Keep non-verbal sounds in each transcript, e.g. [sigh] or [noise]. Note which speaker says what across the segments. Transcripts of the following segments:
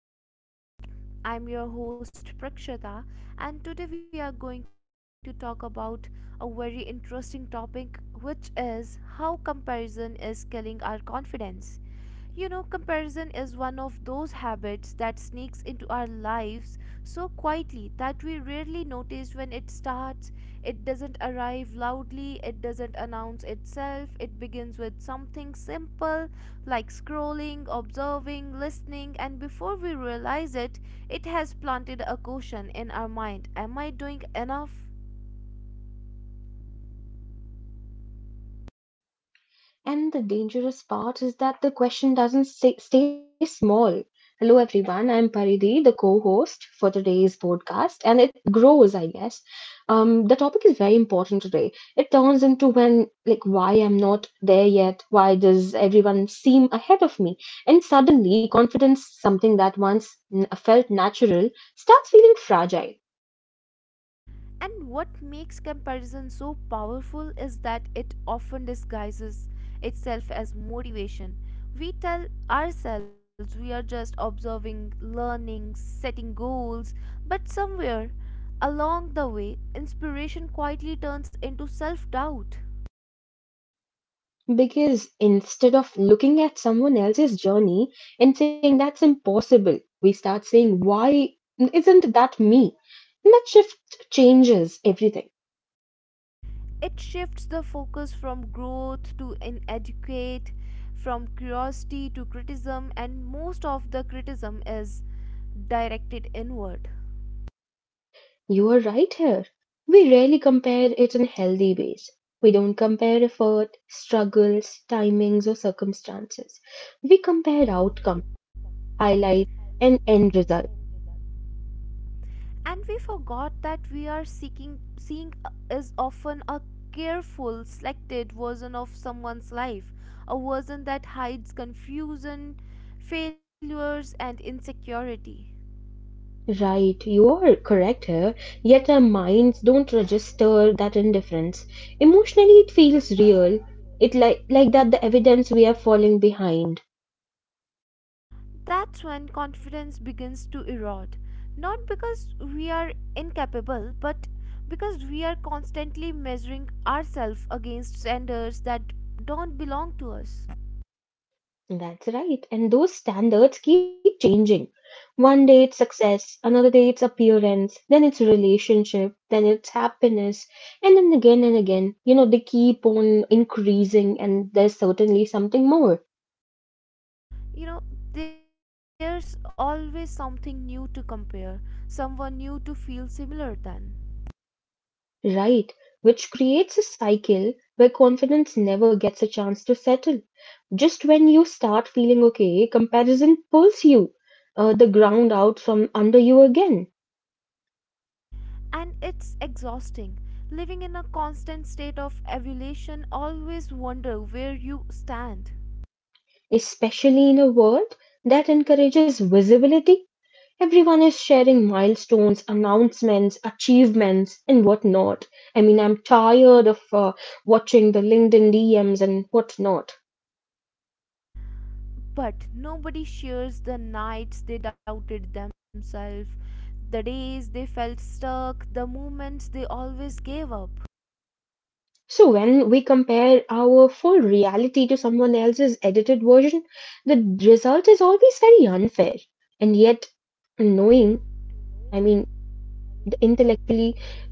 Speaker 1: back to my podcast. I'm your host Prakshita, and today we are going to talk about a very interesting topic which is how comparison is killing our confidence. You know, comparison is one of those habits that sneaks into our lives so quietly that we rarely notice when it starts. It doesn't arrive loudly, it doesn't announce itself, it begins with something simple like scrolling, observing, listening, and before we realize it, it has planted a question in our mind: am I doing enough?
Speaker 2: And the dangerous part is that the question doesn't stay small. Hello, everyone. I'm Paridi, the co host for today's podcast, and it grows, I guess. The topic is very important today. It turns into when, like, why I'm not there yet? Why does everyone seem ahead of me? And suddenly, confidence, something that once felt natural, starts feeling fragile.
Speaker 1: And what makes comparison so powerful is that it often disguises itself as motivation. We tell ourselves we are just observing, learning, setting goals, but somewhere along the way, inspiration quietly turns into self doubt.
Speaker 2: Because instead of looking at someone else's journey and saying that's impossible, we start saying, why isn't that me? And that shift changes everything.
Speaker 1: It shifts the focus from growth to inadequate, from curiosity to criticism, and most of the criticism is directed inward.
Speaker 2: You are right here. We rarely compare it in healthy ways. We don't compare effort, struggles, timings, or circumstances. We compare outcomes, highlights, and end result.
Speaker 1: And we forgot that we are seeking seeing is often a careful selected version of someone's life, a version that hides confusion, failures and insecurity.
Speaker 2: Right, you are correct
Speaker 1: Right,
Speaker 2: here. Yet our minds don't register that indifference. Emotionally, it feels real. It like that
Speaker 1: like
Speaker 2: the evidence we are
Speaker 1: like
Speaker 2: falling behind.
Speaker 1: That's when confidence begins to erode. Not because we are incapable, but because we are constantly measuring ourselves against standards that don't belong to us.
Speaker 2: That's right. And those standards keep changing. One day it's success, another day it's appearance, then it's relationship, then it's happiness, and then again and again. You know, they keep on increasing, and there's certainly something more.
Speaker 1: You know, there's always something new to compare, someone new to feel similar than.
Speaker 2: Right, which creates a cycle where confidence never gets a chance to settle. Just when you start feeling okay, comparison pulls you the ground out from under you again,
Speaker 1: And it's exhausting. Living in a constant state of evaluation, always wonder where you stand.
Speaker 2: especially in a world that encourages visibility. Everyone is sharing milestones, announcements, achievements, and whatnot. I mean, I'm tired of watching the LinkedIn DMs and whatnot.
Speaker 1: But nobody shares the nights they doubted themselves, the days they felt stuck, the moments they always gave up.
Speaker 2: So when we compare our full reality to someone else's edited version, the result is always very unfair. And yet, knowing, I mean, intellectually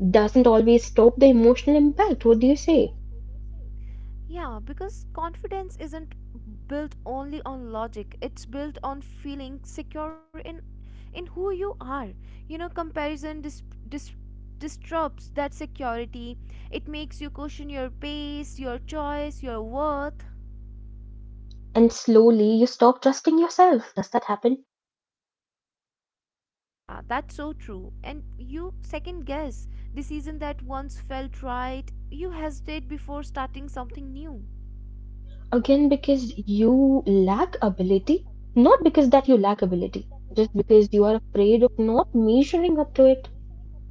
Speaker 2: doesn't always stop the emotional impact. What do you say?
Speaker 1: Yeah, because confidence isn't built only on logic. It's built on feeling secure in who you are. You know, comparison dis, disrupts that security. It makes you question your pace, your choice, your worth.
Speaker 2: And slowly you stop trusting yourself. Does that happen?
Speaker 1: Yeah, that's so true. And you second guess decision that once felt right. You hesitate before starting something new.
Speaker 2: Again,
Speaker 1: Again
Speaker 2: because
Speaker 1: because
Speaker 2: you lack
Speaker 1: you lack
Speaker 2: ability, not
Speaker 1: ability,
Speaker 2: because that you
Speaker 1: not
Speaker 2: lack
Speaker 1: because that you
Speaker 2: ability,
Speaker 1: lack
Speaker 2: just
Speaker 1: ability,
Speaker 2: because you
Speaker 1: just
Speaker 2: are
Speaker 1: because you
Speaker 2: afraid of
Speaker 1: are
Speaker 2: not
Speaker 1: afraid of not
Speaker 2: measuring up
Speaker 1: meeting
Speaker 2: to it.
Speaker 1: a deadline.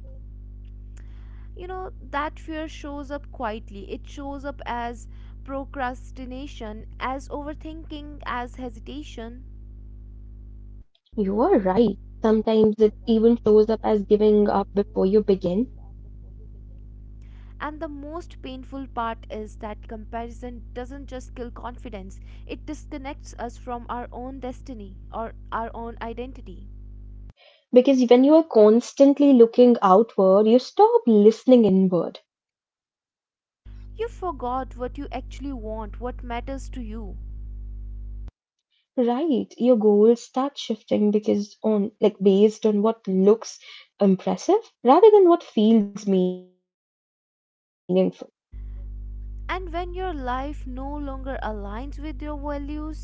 Speaker 1: You know, that fear shows up quietly. It shows up as procrastination, as overthinking, as hesitation.
Speaker 2: You are right. Sometimes it even shows up as giving up before you begin.
Speaker 1: And the most painful part is that comparison doesn't just kill confidence, it disconnects us from our own destiny or our own identity.
Speaker 2: Because when you are constantly looking outward, you stop listening inward.
Speaker 1: You forgot what you actually want, what matters to you.
Speaker 2: Right. Your goals start shifting because on like based on what looks impressive rather than what feels meaningful.
Speaker 1: And when your life no longer aligns with your values,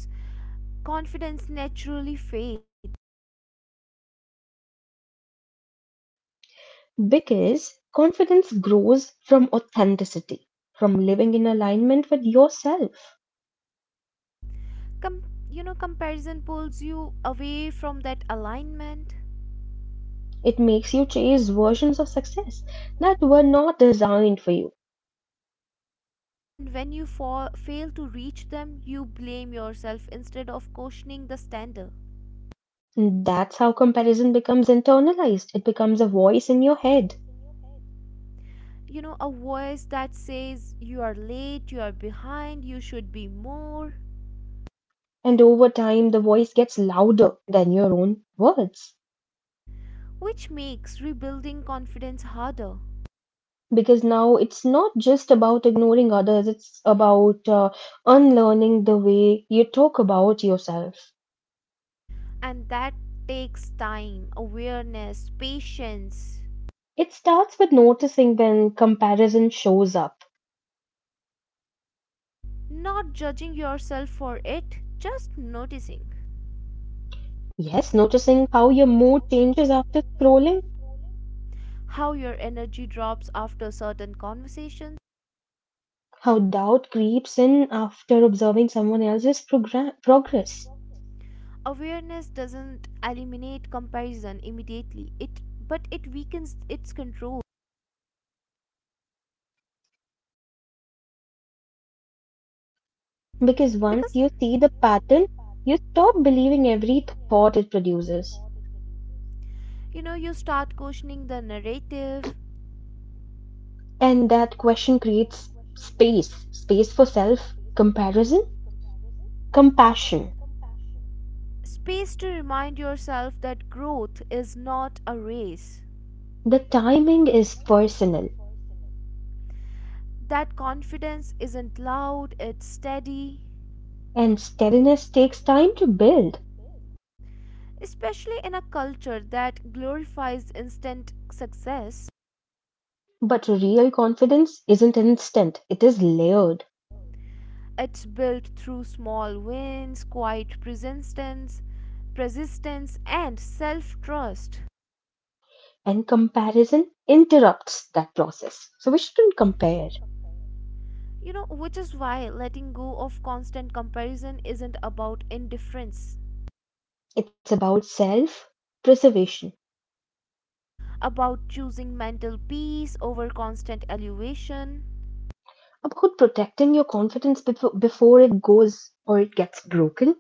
Speaker 1: confidence naturally fades.
Speaker 2: Because confidence grows from authenticity, from living in alignment with yourself.
Speaker 1: Com- you know, comparison pulls you away from that alignment.
Speaker 2: It makes you chase versions of success that were not designed for you.
Speaker 1: And when you fall, fail to reach them, you blame yourself instead of questioning the standard.
Speaker 2: And that's how comparison becomes internalized. It becomes a voice in your head.
Speaker 1: You know, a voice that says you are late, you are behind, you should be more,
Speaker 2: And over time, the voice gets louder than your own words.
Speaker 1: which makes rebuilding confidence harder.
Speaker 2: Because now it's not just about ignoring others, it's about unlearning the way you talk about yourself.
Speaker 1: And that takes time, awareness, patience,
Speaker 2: It starts with noticing when comparison shows up.
Speaker 1: not judging yourself for it, just noticing.
Speaker 2: Yes,
Speaker 1: Yes,
Speaker 2: noticing
Speaker 1: how
Speaker 2: how your mood changes after
Speaker 1: your
Speaker 2: scrolling,
Speaker 1: energy drops after certain conversations.
Speaker 2: how doubt creeps in after observing someone else's progress.
Speaker 1: Awareness doesn't eliminate comparison immediately. It but it weakens its control
Speaker 2: Because once
Speaker 1: because
Speaker 2: you see the pattern, you stop believing every thought it produces.
Speaker 1: you know you start questioning the narrative.
Speaker 2: And that
Speaker 1: And
Speaker 2: question
Speaker 1: that
Speaker 2: creates
Speaker 1: question creates
Speaker 2: space for
Speaker 1: space
Speaker 2: self
Speaker 1: for self
Speaker 2: comparison,
Speaker 1: comparison,
Speaker 2: compassion.
Speaker 1: compassion. Space to remind yourself that growth is not a race,
Speaker 2: The
Speaker 1: the
Speaker 2: timing is
Speaker 1: timing is
Speaker 2: personal,
Speaker 1: personal, that confidence isn't loud, it's steady,
Speaker 2: and
Speaker 1: and
Speaker 2: steadiness takes
Speaker 1: steadiness
Speaker 2: time to
Speaker 1: takes time
Speaker 2: build.
Speaker 1: to build, especially in a culture that glorifies instant success.
Speaker 2: But real confidence isn't instant, it is layered,
Speaker 1: It's built through small wins, quiet persistence, and self-trust.
Speaker 2: and comparison interrupts that process. So we shouldn't compare.
Speaker 1: You know, which is why letting go of constant comparison isn't about indifference,
Speaker 2: It's about self preservation,
Speaker 1: about choosing mental peace over constant elevation.
Speaker 2: about protecting your confidence before it goes or it gets broken.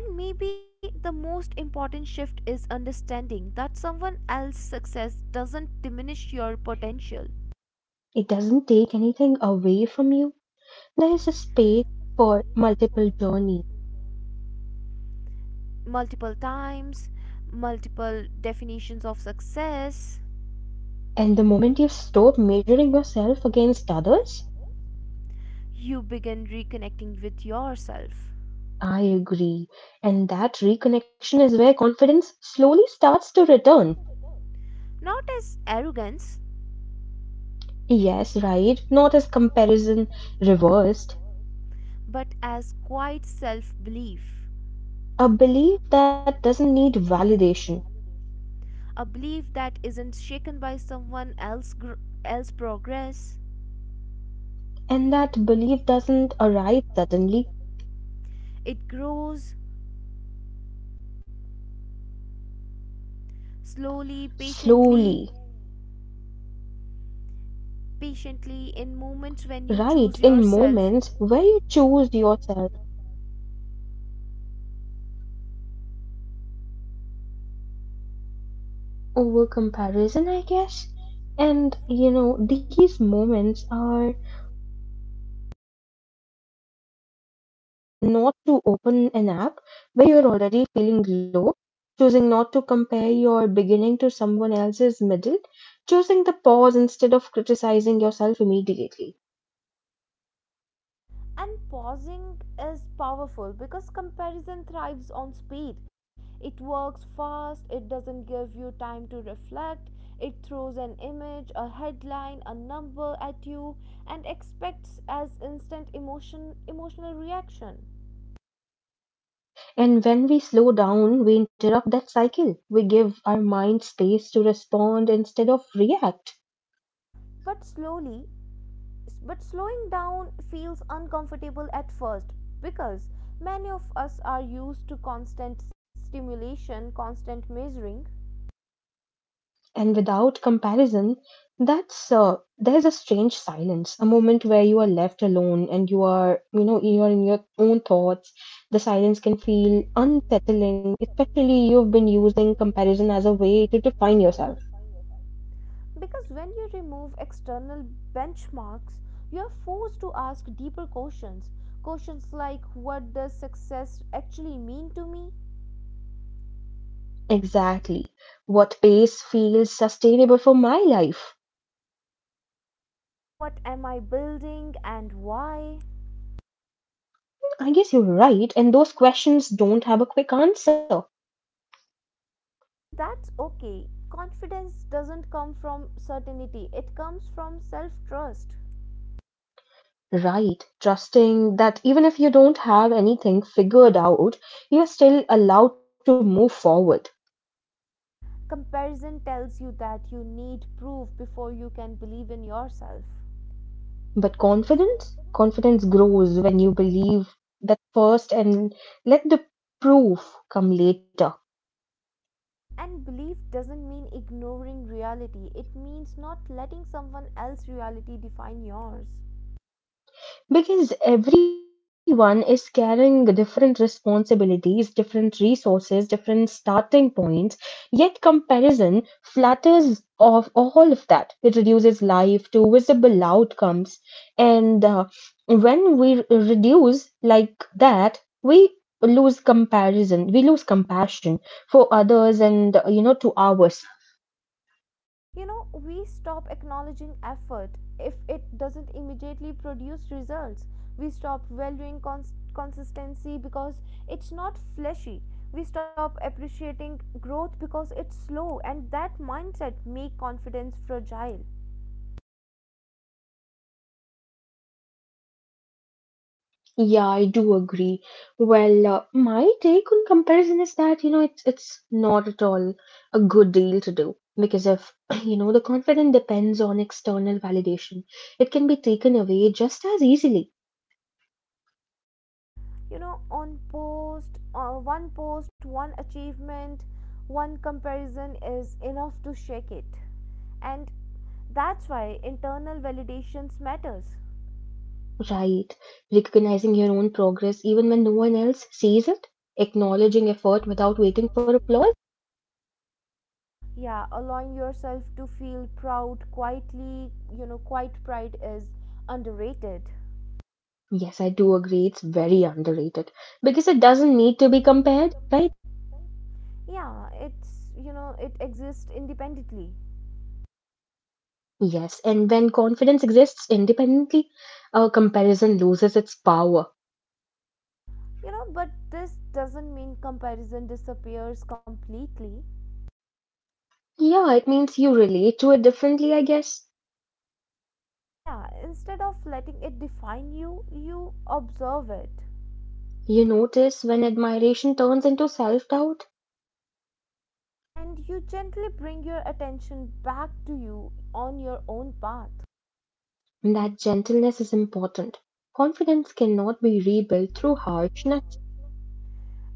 Speaker 1: And maybe the most important shift is understanding that someone else's success doesn't diminish your potential.
Speaker 2: It doesn't take anything away from you. There is a space for multiple journey.
Speaker 1: Multiple times, multiple definitions of success.
Speaker 2: And the moment you stop measuring yourself against others,
Speaker 1: You begin reconnecting with yourself.
Speaker 2: I agree. And that reconnection is where confidence slowly starts to return.
Speaker 1: Not as arrogance,
Speaker 2: Yes, right, not as comparison reversed.
Speaker 1: but as quiet self belief.
Speaker 2: A belief that doesn't need validation.
Speaker 1: A belief that isn't shaken by someone else, else progress.
Speaker 2: And that belief doesn't arrive suddenly,
Speaker 1: It grows slowly, patiently,
Speaker 2: slowly,
Speaker 1: in moments when you choose
Speaker 2: right, in
Speaker 1: yourself.
Speaker 2: moments where you choose yourself over comparison, I guess. And you know, these moments are often small, almost invisible. Choosing not to open an app where you're already feeling low, choosing not to compare your beginning to someone else's middle, choosing the pause instead of criticizing yourself immediately.
Speaker 1: And pausing is powerful because comparison thrives on speed. It works fast, it doesn't give you time to reflect. It throws an image, a headline, a number at you, and expects as instant emotion emotional reaction.
Speaker 2: And when we slow down, we interrupt that cycle. We give our mind space to respond instead of react.
Speaker 1: but slowly But slowing down feels uncomfortable at first because many of us are used to constant stimulation, constant measuring.
Speaker 2: And without comparison, that's there's a strange silence, a moment where you are left alone and you are, you know, you are in your own thoughts. The silence
Speaker 1: The
Speaker 2: can
Speaker 1: silence
Speaker 2: feel
Speaker 1: can feel
Speaker 2: unsettling,
Speaker 1: unsettling.
Speaker 2: especially you've been
Speaker 1: Effectively, you've
Speaker 2: using
Speaker 1: been
Speaker 2: comparison
Speaker 1: using
Speaker 2: as a
Speaker 1: comparison
Speaker 2: way to
Speaker 1: as a way
Speaker 2: define
Speaker 1: to
Speaker 2: yourself.
Speaker 1: define yourself. Because when you remove external benchmarks, you're forced to ask deeper questions. Questions like what does success actually mean to me?
Speaker 2: Exactly. What pace feels sustainable for my life.
Speaker 1: What am I building and why?
Speaker 2: I guess you're right, and those questions don't have a quick answer.
Speaker 1: And that's okay. Confidence doesn't come from certainty, it comes from self trust.
Speaker 2: Right, trusting that even if you don't have anything figured out, you're still allowed to move forward.
Speaker 1: Comparison tells you that you need proof before you can believe in yourself.
Speaker 2: But
Speaker 1: But
Speaker 2: confidence?
Speaker 1: confidence?
Speaker 2: Confidence grows
Speaker 1: Confidence
Speaker 2: when you
Speaker 1: grows.
Speaker 2: believe that first and let the proof come later.
Speaker 1: And belief doesn't mean ignoring reality, it means not letting someone else's reality define yours.
Speaker 2: Because everyone is carrying different responsibilities, different resources, different starting points. Yet comparison flatters of all of that. It reduces life to visible outcomes, and when we reduce like that, we lose comparison. We lose compassion for others, and you know to ours.
Speaker 1: You know, we stop acknowledging effort if it doesn't immediately produce results. We stop valuing consistency because it's not fleshy. We stop appreciating growth because it's slow, and that mindset make confidence fragile.
Speaker 2: Yeah, I do agree. Well, my take on comparison is that, you know, it's not at all a good deal to do because if, [clears throat] you know, the confidence depends on external validation, it can be taken away just as easily,
Speaker 1: You know, on post one post, one achievement, one comparison is enough to shake it. And that's why internal validations matters.
Speaker 2: right? Recognizing your own progress even when no one else sees it, acknowledging effort without waiting for applause.
Speaker 1: Yeah, allowing yourself to feel proud quietly. You know, quiet pride is underrated.
Speaker 2: Yes, I do agree. It's very underrated because it doesn't need to be compared, right?
Speaker 1: Right? Yeah, it's, you know, it exists independently.
Speaker 2: Yes, and when confidence exists independently, comparison loses its power.
Speaker 1: You know, but this doesn't mean comparison disappears completely.
Speaker 2: Yeah, it means you relate to it differently, I guess.
Speaker 1: Yeah, instead of letting it define you, you observe it.
Speaker 2: You notice when admiration turns into self doubt,
Speaker 1: And you gently bring your attention back to you on your own path.
Speaker 2: that gentleness is important. Confidence cannot be rebuilt through harshness,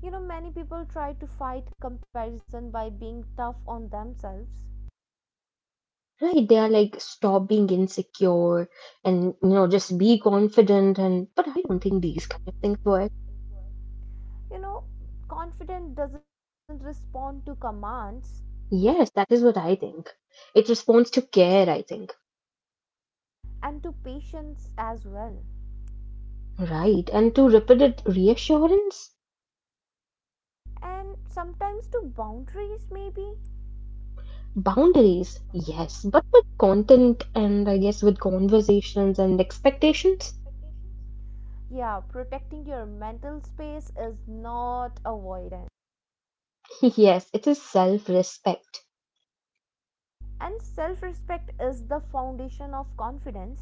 Speaker 1: You know, many people try to fight comparison by being tough on themselves.
Speaker 2: right? They are like, stop being insecure and, you know, just be confident. And But I don't think these kind of things work.
Speaker 1: You know, confident doesn't respond to commands,
Speaker 2: Yes, that is what I think. It responds to care, I think.
Speaker 1: and to patience as well.
Speaker 2: Right, and to repeated reassurance,
Speaker 1: And sometimes to boundaries, maybe.
Speaker 2: boundaries,
Speaker 1: Boundaries,
Speaker 2: yes, but with
Speaker 1: yes. But with
Speaker 2: content
Speaker 1: content
Speaker 2: and I guess
Speaker 1: and
Speaker 2: with
Speaker 1: I guess with
Speaker 2: conversations and
Speaker 1: conversations and
Speaker 2: expectations,
Speaker 1: expectations, yeah, protecting your mental space is not avoidance.
Speaker 2: [laughs] yes, it is self-respect.
Speaker 1: And self respect is the foundation of confidence.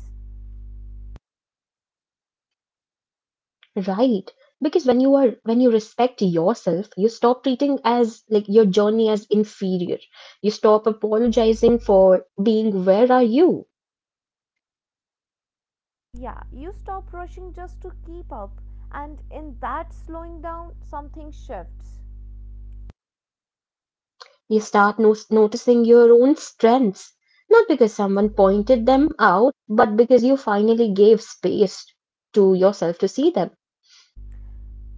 Speaker 2: Right, because when you are when you respect yourself, you stop treating as like your journey as inferior. You stop apologizing for being where are you.
Speaker 1: Yeah, you stop rushing just to keep up, and in that slowing down, something shifts.
Speaker 2: You start noticing your own strengths, not because someone pointed them out, but because you finally gave space to yourself to see them.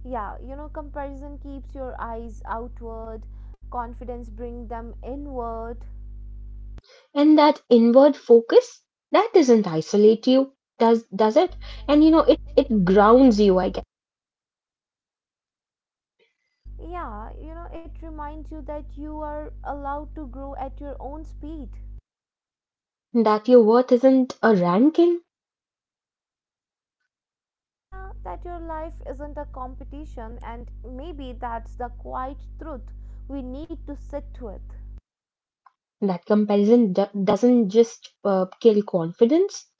Speaker 1: Yeah, you know, comparison keeps your eyes outward, confidence brings them inward.
Speaker 2: And that inward focus, that doesn't isolate you, does it?
Speaker 1: Does it?
Speaker 2: And you know, it
Speaker 1: And you know,
Speaker 2: it
Speaker 1: it
Speaker 2: grounds
Speaker 1: it
Speaker 2: you, I
Speaker 1: grounds.
Speaker 2: guess,
Speaker 1: Yeah, you know, it reminds you that you are allowed to grow at your own speed.
Speaker 2: that your worth isn't a ranking,
Speaker 1: Yeah, that your life isn't a competition, and maybe that's the quiet truth we need to sit with.
Speaker 2: that comparison doesn't just kill confidence,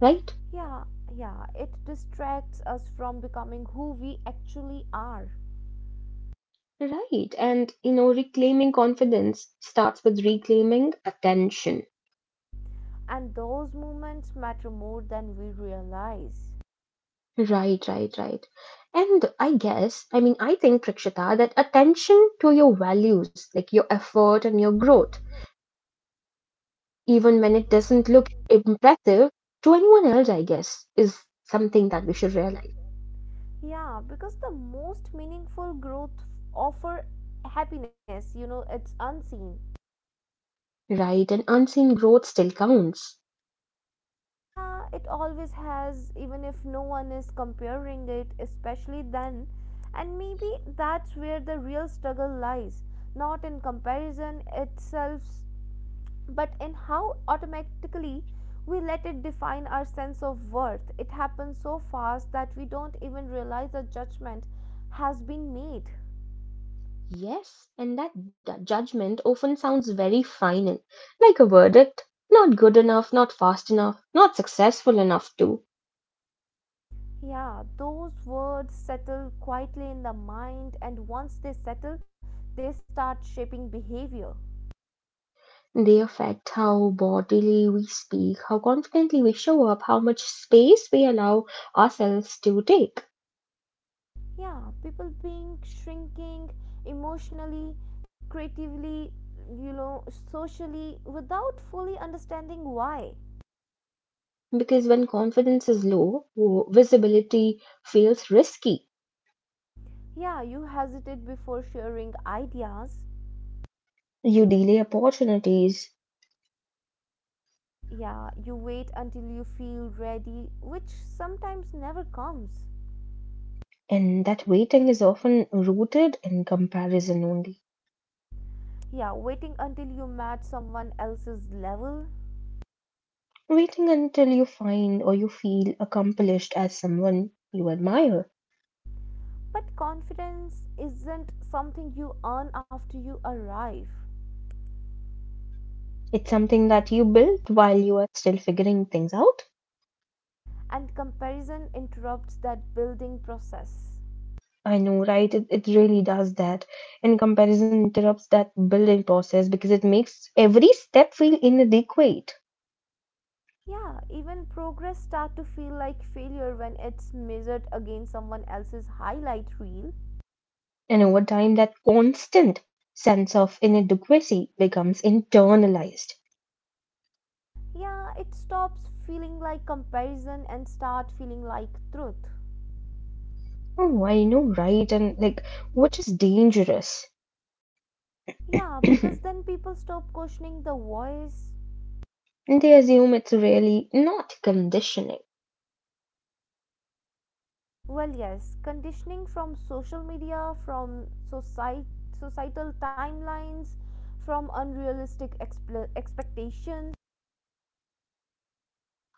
Speaker 2: right?
Speaker 1: Yeah, yeah, it distracts us from becoming who we actually are.
Speaker 2: Right. And you know, reclaiming confidence starts with reclaiming attention.
Speaker 1: And those moments matter more than we realize.
Speaker 2: Right, right, right. And I guess, I mean, I think, Prakshita, that attention to your values, like your effort and your growth, even when it
Speaker 1: Even when
Speaker 2: doesn't
Speaker 1: it
Speaker 2: look
Speaker 1: doesn't,
Speaker 2: impressive to anyone else, I guess, is something that we
Speaker 1: something
Speaker 2: should
Speaker 1: that we
Speaker 2: realize.
Speaker 1: should. Yeah, because the most meaningful growth offer happiness, you know, it's unseen.
Speaker 2: Right, and unseen growth still counts.
Speaker 1: Yeah, it always has, even if no one is comparing it, especially then. And maybe that's where the real struggle lies, not in comparison itself, but in how automatically we let it define our sense of worth. It happens so fast that we don't even realize a judgment has been made.
Speaker 2: Yes, and that judgment often sounds very final, like a verdict. Not good enough, not fast enough, not successful enough, too.
Speaker 1: Yeah, those words settle quietly in the mind, and once they settle, they start shaping behavior.
Speaker 2: They affect how bodily we speak, how confidently we show up, how much space we allow ourselves to take.
Speaker 1: Yeah, people being shrinking emotionally, creatively, you know, socially, without fully understanding why.
Speaker 2: Because when confidence is low, visibility feels risky.
Speaker 1: Yeah, you hesitate before sharing ideas.
Speaker 2: You delay opportunities,
Speaker 1: Yeah, you wait until you feel ready, which sometimes never comes.
Speaker 2: and that waiting is often rooted in comparison only.
Speaker 1: Yeah, waiting until you match someone else's level.
Speaker 2: Waiting until you find or you feel accomplished as someone you admire.
Speaker 1: But confidence isn't something you earn after you arrive,
Speaker 2: It's something that you build while you are still figuring things out.
Speaker 1: and comparison interrupts that building process.
Speaker 2: I know, right? It really does that. And comparison interrupts that building process because it makes every step feel inadequate.
Speaker 1: Yeah, even progress start to feel like failure when it's measured against someone else's highlight reel.
Speaker 2: And over time, that constant sense of inadequacy becomes internalized.
Speaker 1: Yeah, it stops feeling like comparison and start feeling like truth.
Speaker 2: Oh, I know, right? And like,
Speaker 1: Right.
Speaker 2: which is dangerous. [clears throat]
Speaker 1: Yeah,
Speaker 2: They
Speaker 1: because then people stop questioning the voice.
Speaker 2: assume it's really not conditioning.
Speaker 1: Well, yes, conditioning from social media, societal timelines, from unrealistic expectations.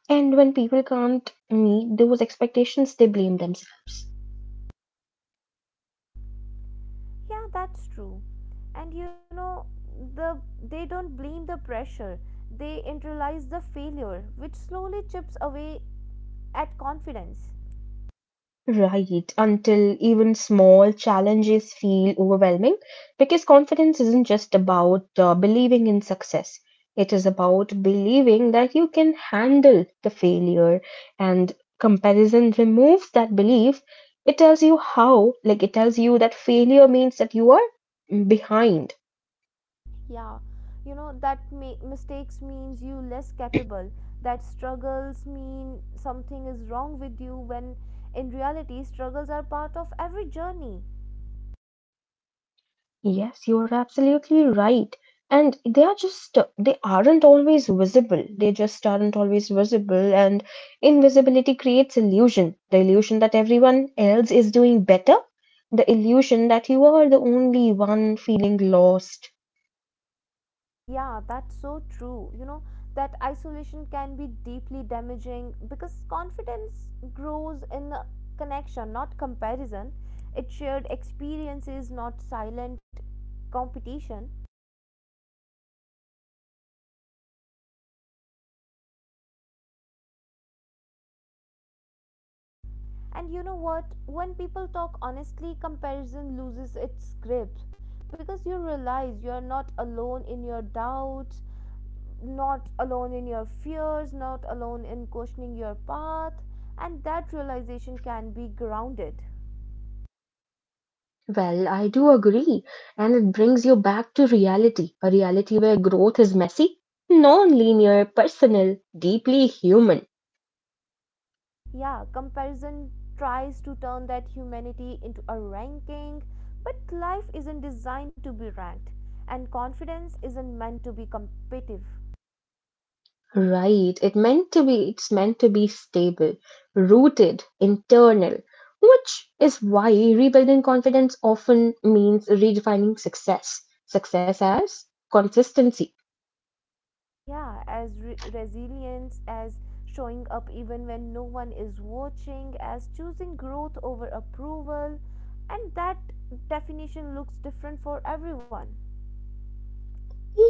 Speaker 2: And when people can't meet those expectations, they blame themselves.
Speaker 1: Yeah, that's true. And you know, the they don't blame the pressure. They internalize the failure, which slowly chips away at confidence.
Speaker 2: Right, until even small challenges feel overwhelming because confidence isn't just about believing in success. It is about believing that you can handle the failure, and comparison removes that belief. It tells you how, like, it tells you that failure means that you are behind.
Speaker 1: Yeah, you know, that mistakes means you less capable. That struggles mean something is wrong with you when in reality struggles are part of every journey.
Speaker 2: Yes, you're absolutely right. And they are just, they aren't always visible. They just aren't always visible. And invisibility creates illusion. The illusion that everyone else is doing better. The illusion that you are the only one feeling lost.
Speaker 1: Yeah, that's so true. You know, that isolation can be deeply damaging because confidence grows in a connection, not comparison. It's shared experiences, not silent competition. And you know what? When people talk honestly, comparison loses its grip because you realize you're not alone in your doubts, not alone in your fears, not alone in questioning your path, and that realization can be grounded.
Speaker 2: Well, I do agree. And it brings you back to reality, a reality where growth is messy, non linear, personal, deeply human.
Speaker 1: Yeah, comparison tries to turn that humanity into a ranking, but life isn't designed to be ranked, and confidence isn't meant to be competitive.
Speaker 2: Right. It's meant to be stable, rooted, internal, which is why rebuilding confidence often means redefining success. Success as consistency.
Speaker 1: Yeah, as resilience, as showing up even when no one is watching, as choosing growth over approval, and that definition looks different for everyone.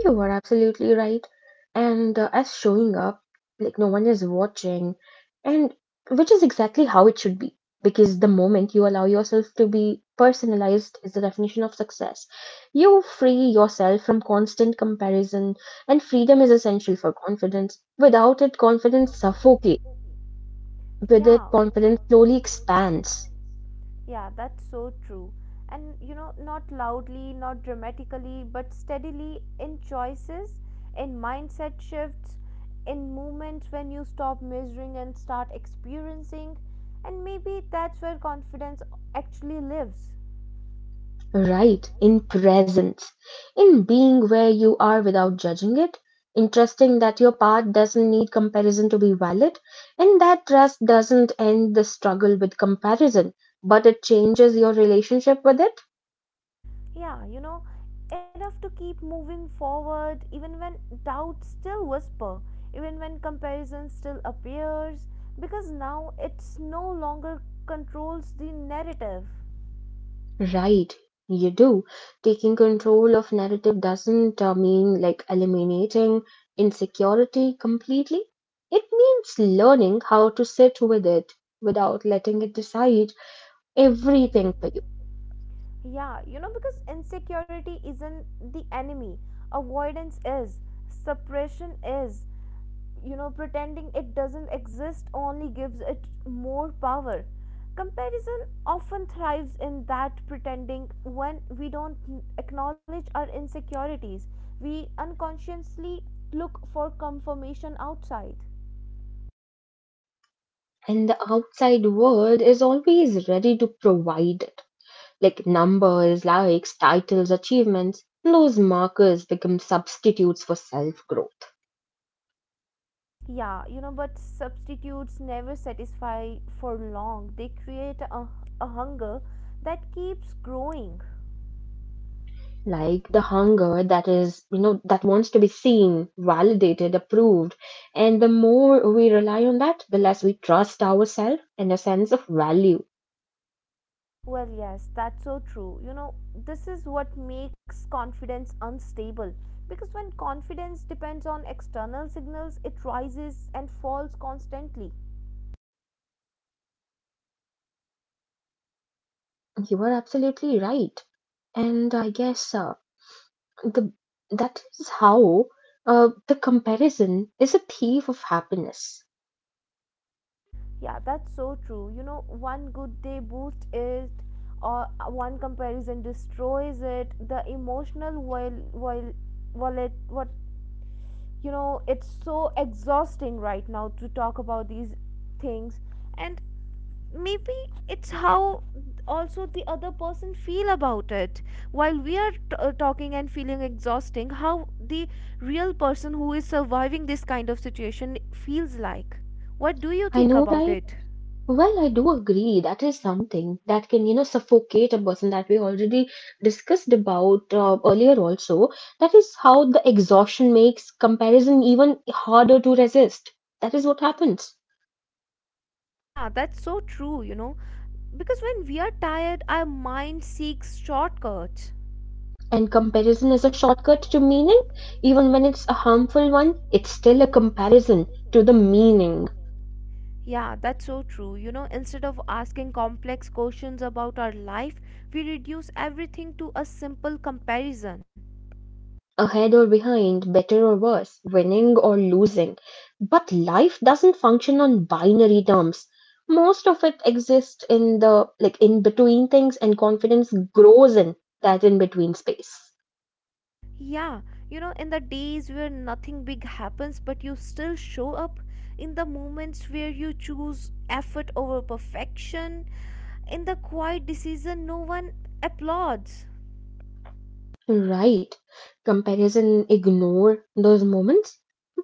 Speaker 2: You are absolutely right. And as showing up, like no one is watching, and which is exactly how it should be. Because the moment you allow yourself to be personalized is the definition of success. You free yourself from constant comparison, and freedom is essential for confidence. Without it, confidence
Speaker 1: Confidence
Speaker 2: suffocates.
Speaker 1: suffocates.
Speaker 2: With it,
Speaker 1: Yeah, so their
Speaker 2: confidence slowly
Speaker 1: confidence slowly
Speaker 2: expands.
Speaker 1: expands. Yeah, that's so true. And you know, not loudly, not dramatically, but steadily in choices, in mindset shifts, in moments when you stop measuring and start experiencing. And maybe that's where confidence actually lives.
Speaker 2: Right, in presence, in being where you are without judging it, in trusting that your path doesn't need comparison to be valid, and that trust doesn't end the struggle with comparison, but it changes your relationship with it.
Speaker 1: Yeah, you know, enough to keep moving forward even when doubts still whisper, even when comparison still appears, because now it's no longer controls the narrative.
Speaker 2: Right, you do. Taking control of narrative doesn't mean like eliminating insecurity completely. It means learning how to sit with it without letting it decide everything for you.
Speaker 1: Yeah, you know, because insecurity isn't the enemy, avoidance is, suppression is, you know, pretending it doesn't exist only gives it more power. Comparison often thrives in that pretending. When we don't acknowledge our insecurities, we unconsciously look for confirmation outside.
Speaker 2: And the outside world is always ready to provide it, like numbers, likes, titles, achievements. Those markers become substitutes for self growth,
Speaker 1: Yeah, you know, but substitutes never satisfy for long. They create a hunger that keeps growing.
Speaker 2: like the hunger that is that wants to be seen, validated, approved. And the more we rely on that, the less we trust ourselves and a sense of value.
Speaker 1: Well, yes, that's so true. You know, this is what makes confidence unstable because when confidence depends on external signals, it rises and falls constantly.
Speaker 2: You are absolutely right. And I guess uh, The that is how the comparison is a thief of happiness.
Speaker 1: Yeah, that's so true. You know, one good day boosts it, or one comparison destroys it. The emotional while wallet what, you know, it's so exhausting right now to talk about these things. And maybe it's how also the other person feel about it while we are talking and feeling exhausting how the real person who is surviving this kind of situation feels like. What do you
Speaker 2: I
Speaker 1: think
Speaker 2: know,
Speaker 1: about
Speaker 2: right?
Speaker 1: it?
Speaker 2: Well, I do agree that is something that can suffocate a person, that we already discussed about earlier. Also, that is how the exhaustion makes comparison even harder to resist. That is what happens.
Speaker 1: Yeah, that's so true. You know, because when we are tired our mind seeks shortcuts.
Speaker 2: And comparison is a
Speaker 1: Shortcut
Speaker 2: shortcut to meaning, even when it's a harmful one. It's still a comparison to the meaning.
Speaker 1: Yeah, that's so true. You know, instead of asking complex questions about our life, we reduce everything to a simple comparison.
Speaker 2: Ahead or behind, better or worse, winning or losing. But life doesn't function on binary terms. Most of it exists in the, like, in between things, and confidence grows in that in between space.
Speaker 1: Yeah, you know, in the days where nothing big happens but you still show up, in the moments where you choose effort over perfection, in the quiet decision no one applauds.
Speaker 2: Right. Comparison ignore those moments,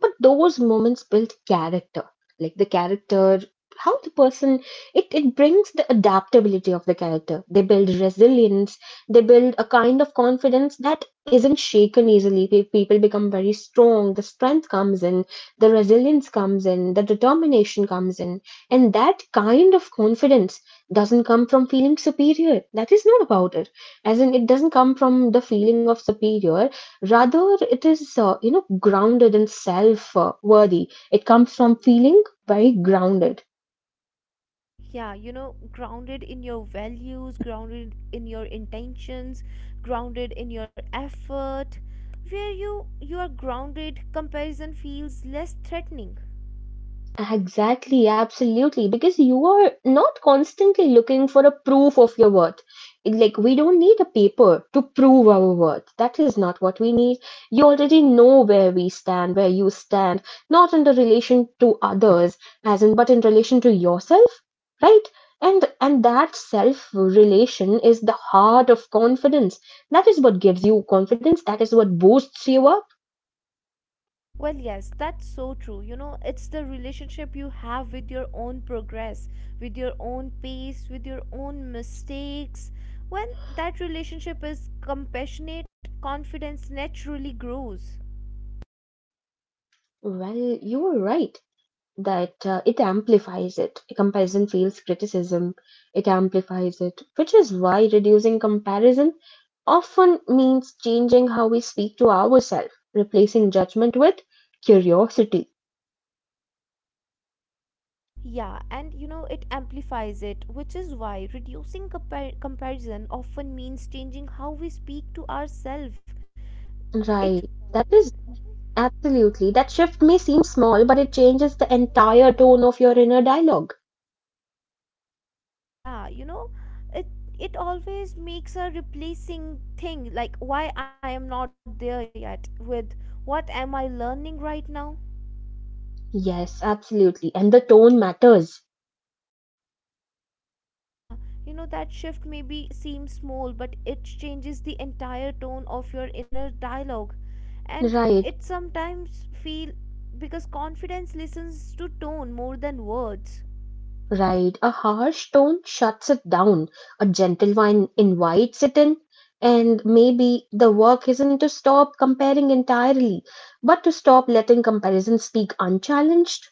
Speaker 2: but those moments build character, like the character, how the person, it brings the adaptability of the character. They build resilience, they build a kind of confidence that isn't shaken easily. People become very strong. The strength comes in, the resilience comes in, the determination comes in. And that kind of confidence doesn't come from feeling superior, that is not about it. As in, it doesn't come from the feeling of superior, rather it is grounded and self worthy. It comes from feeling very grounded.
Speaker 1: Yeah, you know, grounded in your values, grounded in your intentions, grounded in your effort. Where you are grounded, comparison feels less threatening.
Speaker 2: Exactly, absolutely, because you are not constantly looking for a proof of your worth. Like, we don't need a paper to prove our worth, that is not what we need. You already know where we stand, where you stand. Not in the relation to others, as in, but in relation to yourself, right? And that self relation is the heart of confidence. That is what gives you confidence, that is what boosts you up.
Speaker 1: Well, yes, that's so true. You know, it's the relationship you have with your own progress, with your own pace, with your own mistakes. When that relationship is compassionate, confidence naturally grows.
Speaker 2: Well, you are right, that it amplifies it. Comparison feels criticism, it amplifies it, which is why reducing comparison often means changing how we speak to ourselves, replacing judgment with curiosity.
Speaker 1: Yeah, and you know, it amplifies it, which is why reducing comparison often means changing how we speak to ourselves. It
Speaker 2: Right, that is absolutely, that shift may seem small, but it changes the entire tone of your inner dialogue.
Speaker 1: Yeah, you know, it it always makes a replacing thing like why I am not there yet with what am I learning right now.
Speaker 2: Yes, absolutely. And the tone matters.
Speaker 1: Yeah, you know, that shift maybe seems small, but it changes the entire tone of your inner dialogue. And it
Speaker 2: Right,
Speaker 1: sometimes feel because confidence listens to tone more than words.
Speaker 2: right. A harsh tone shuts it down. A gentle one invites it in. And maybe the work isn't to stop comparing entirely, but to stop letting comparison speak unchallenged.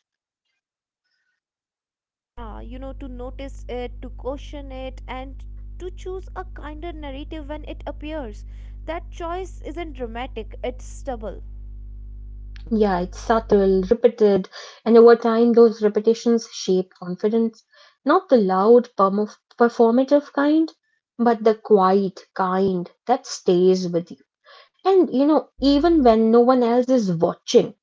Speaker 1: Yeah, you know, to notice it, to caution it, and to choose a kinder narrative when it appears. That choice isn't dramatic, it's stubble.
Speaker 2: Yeah, it's subtle, repeated, and over time, those repetitions shape confidence. Not the loud, performative kind, but the quiet kind that stays with you. And even when no one else is watching,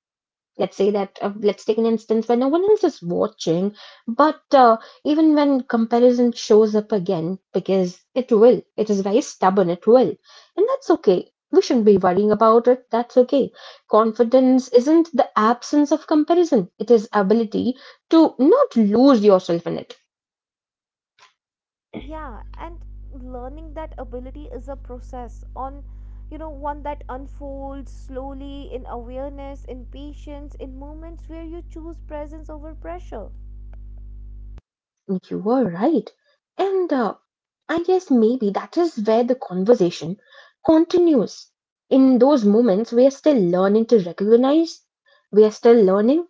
Speaker 2: let's say that, let's take an instance when no one else is watching, but even when comparison shows up again, because it will, it is very stubborn, it will. And that's okay. We shouldn't be worrying about it. That's okay. Confidence isn't the absence of comparison, it is ability to not lose yourself in it.
Speaker 1: Yeah, and learning that ability is a process on, you know, one that unfolds slowly in awareness, in patience, in moments where you choose presence over pressure.
Speaker 2: You were right. And I guess maybe that is where the conversation continues. In those moments we are still learning to recognize, we are still learning.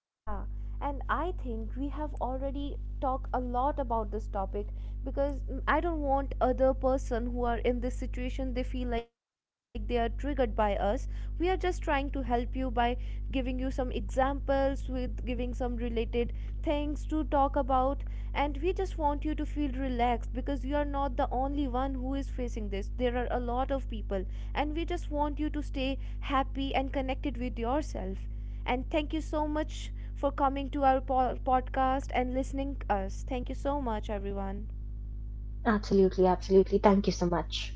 Speaker 1: Yeah, and I think we have already talked a lot about this topic because I don't want other person who are in this situation they feel like they are triggered by us. We are just trying to help you by giving you some examples, with giving some related things to talk about. And we just want you to feel relaxed because you are not the only one who is facing this. There are a lot of people, and we just want you to stay happy and connected with yourself. And thank you so much for coming to our podcast and listening us. Thank you so much everyone.
Speaker 2: Absolutely, absolutely. Thank you so much.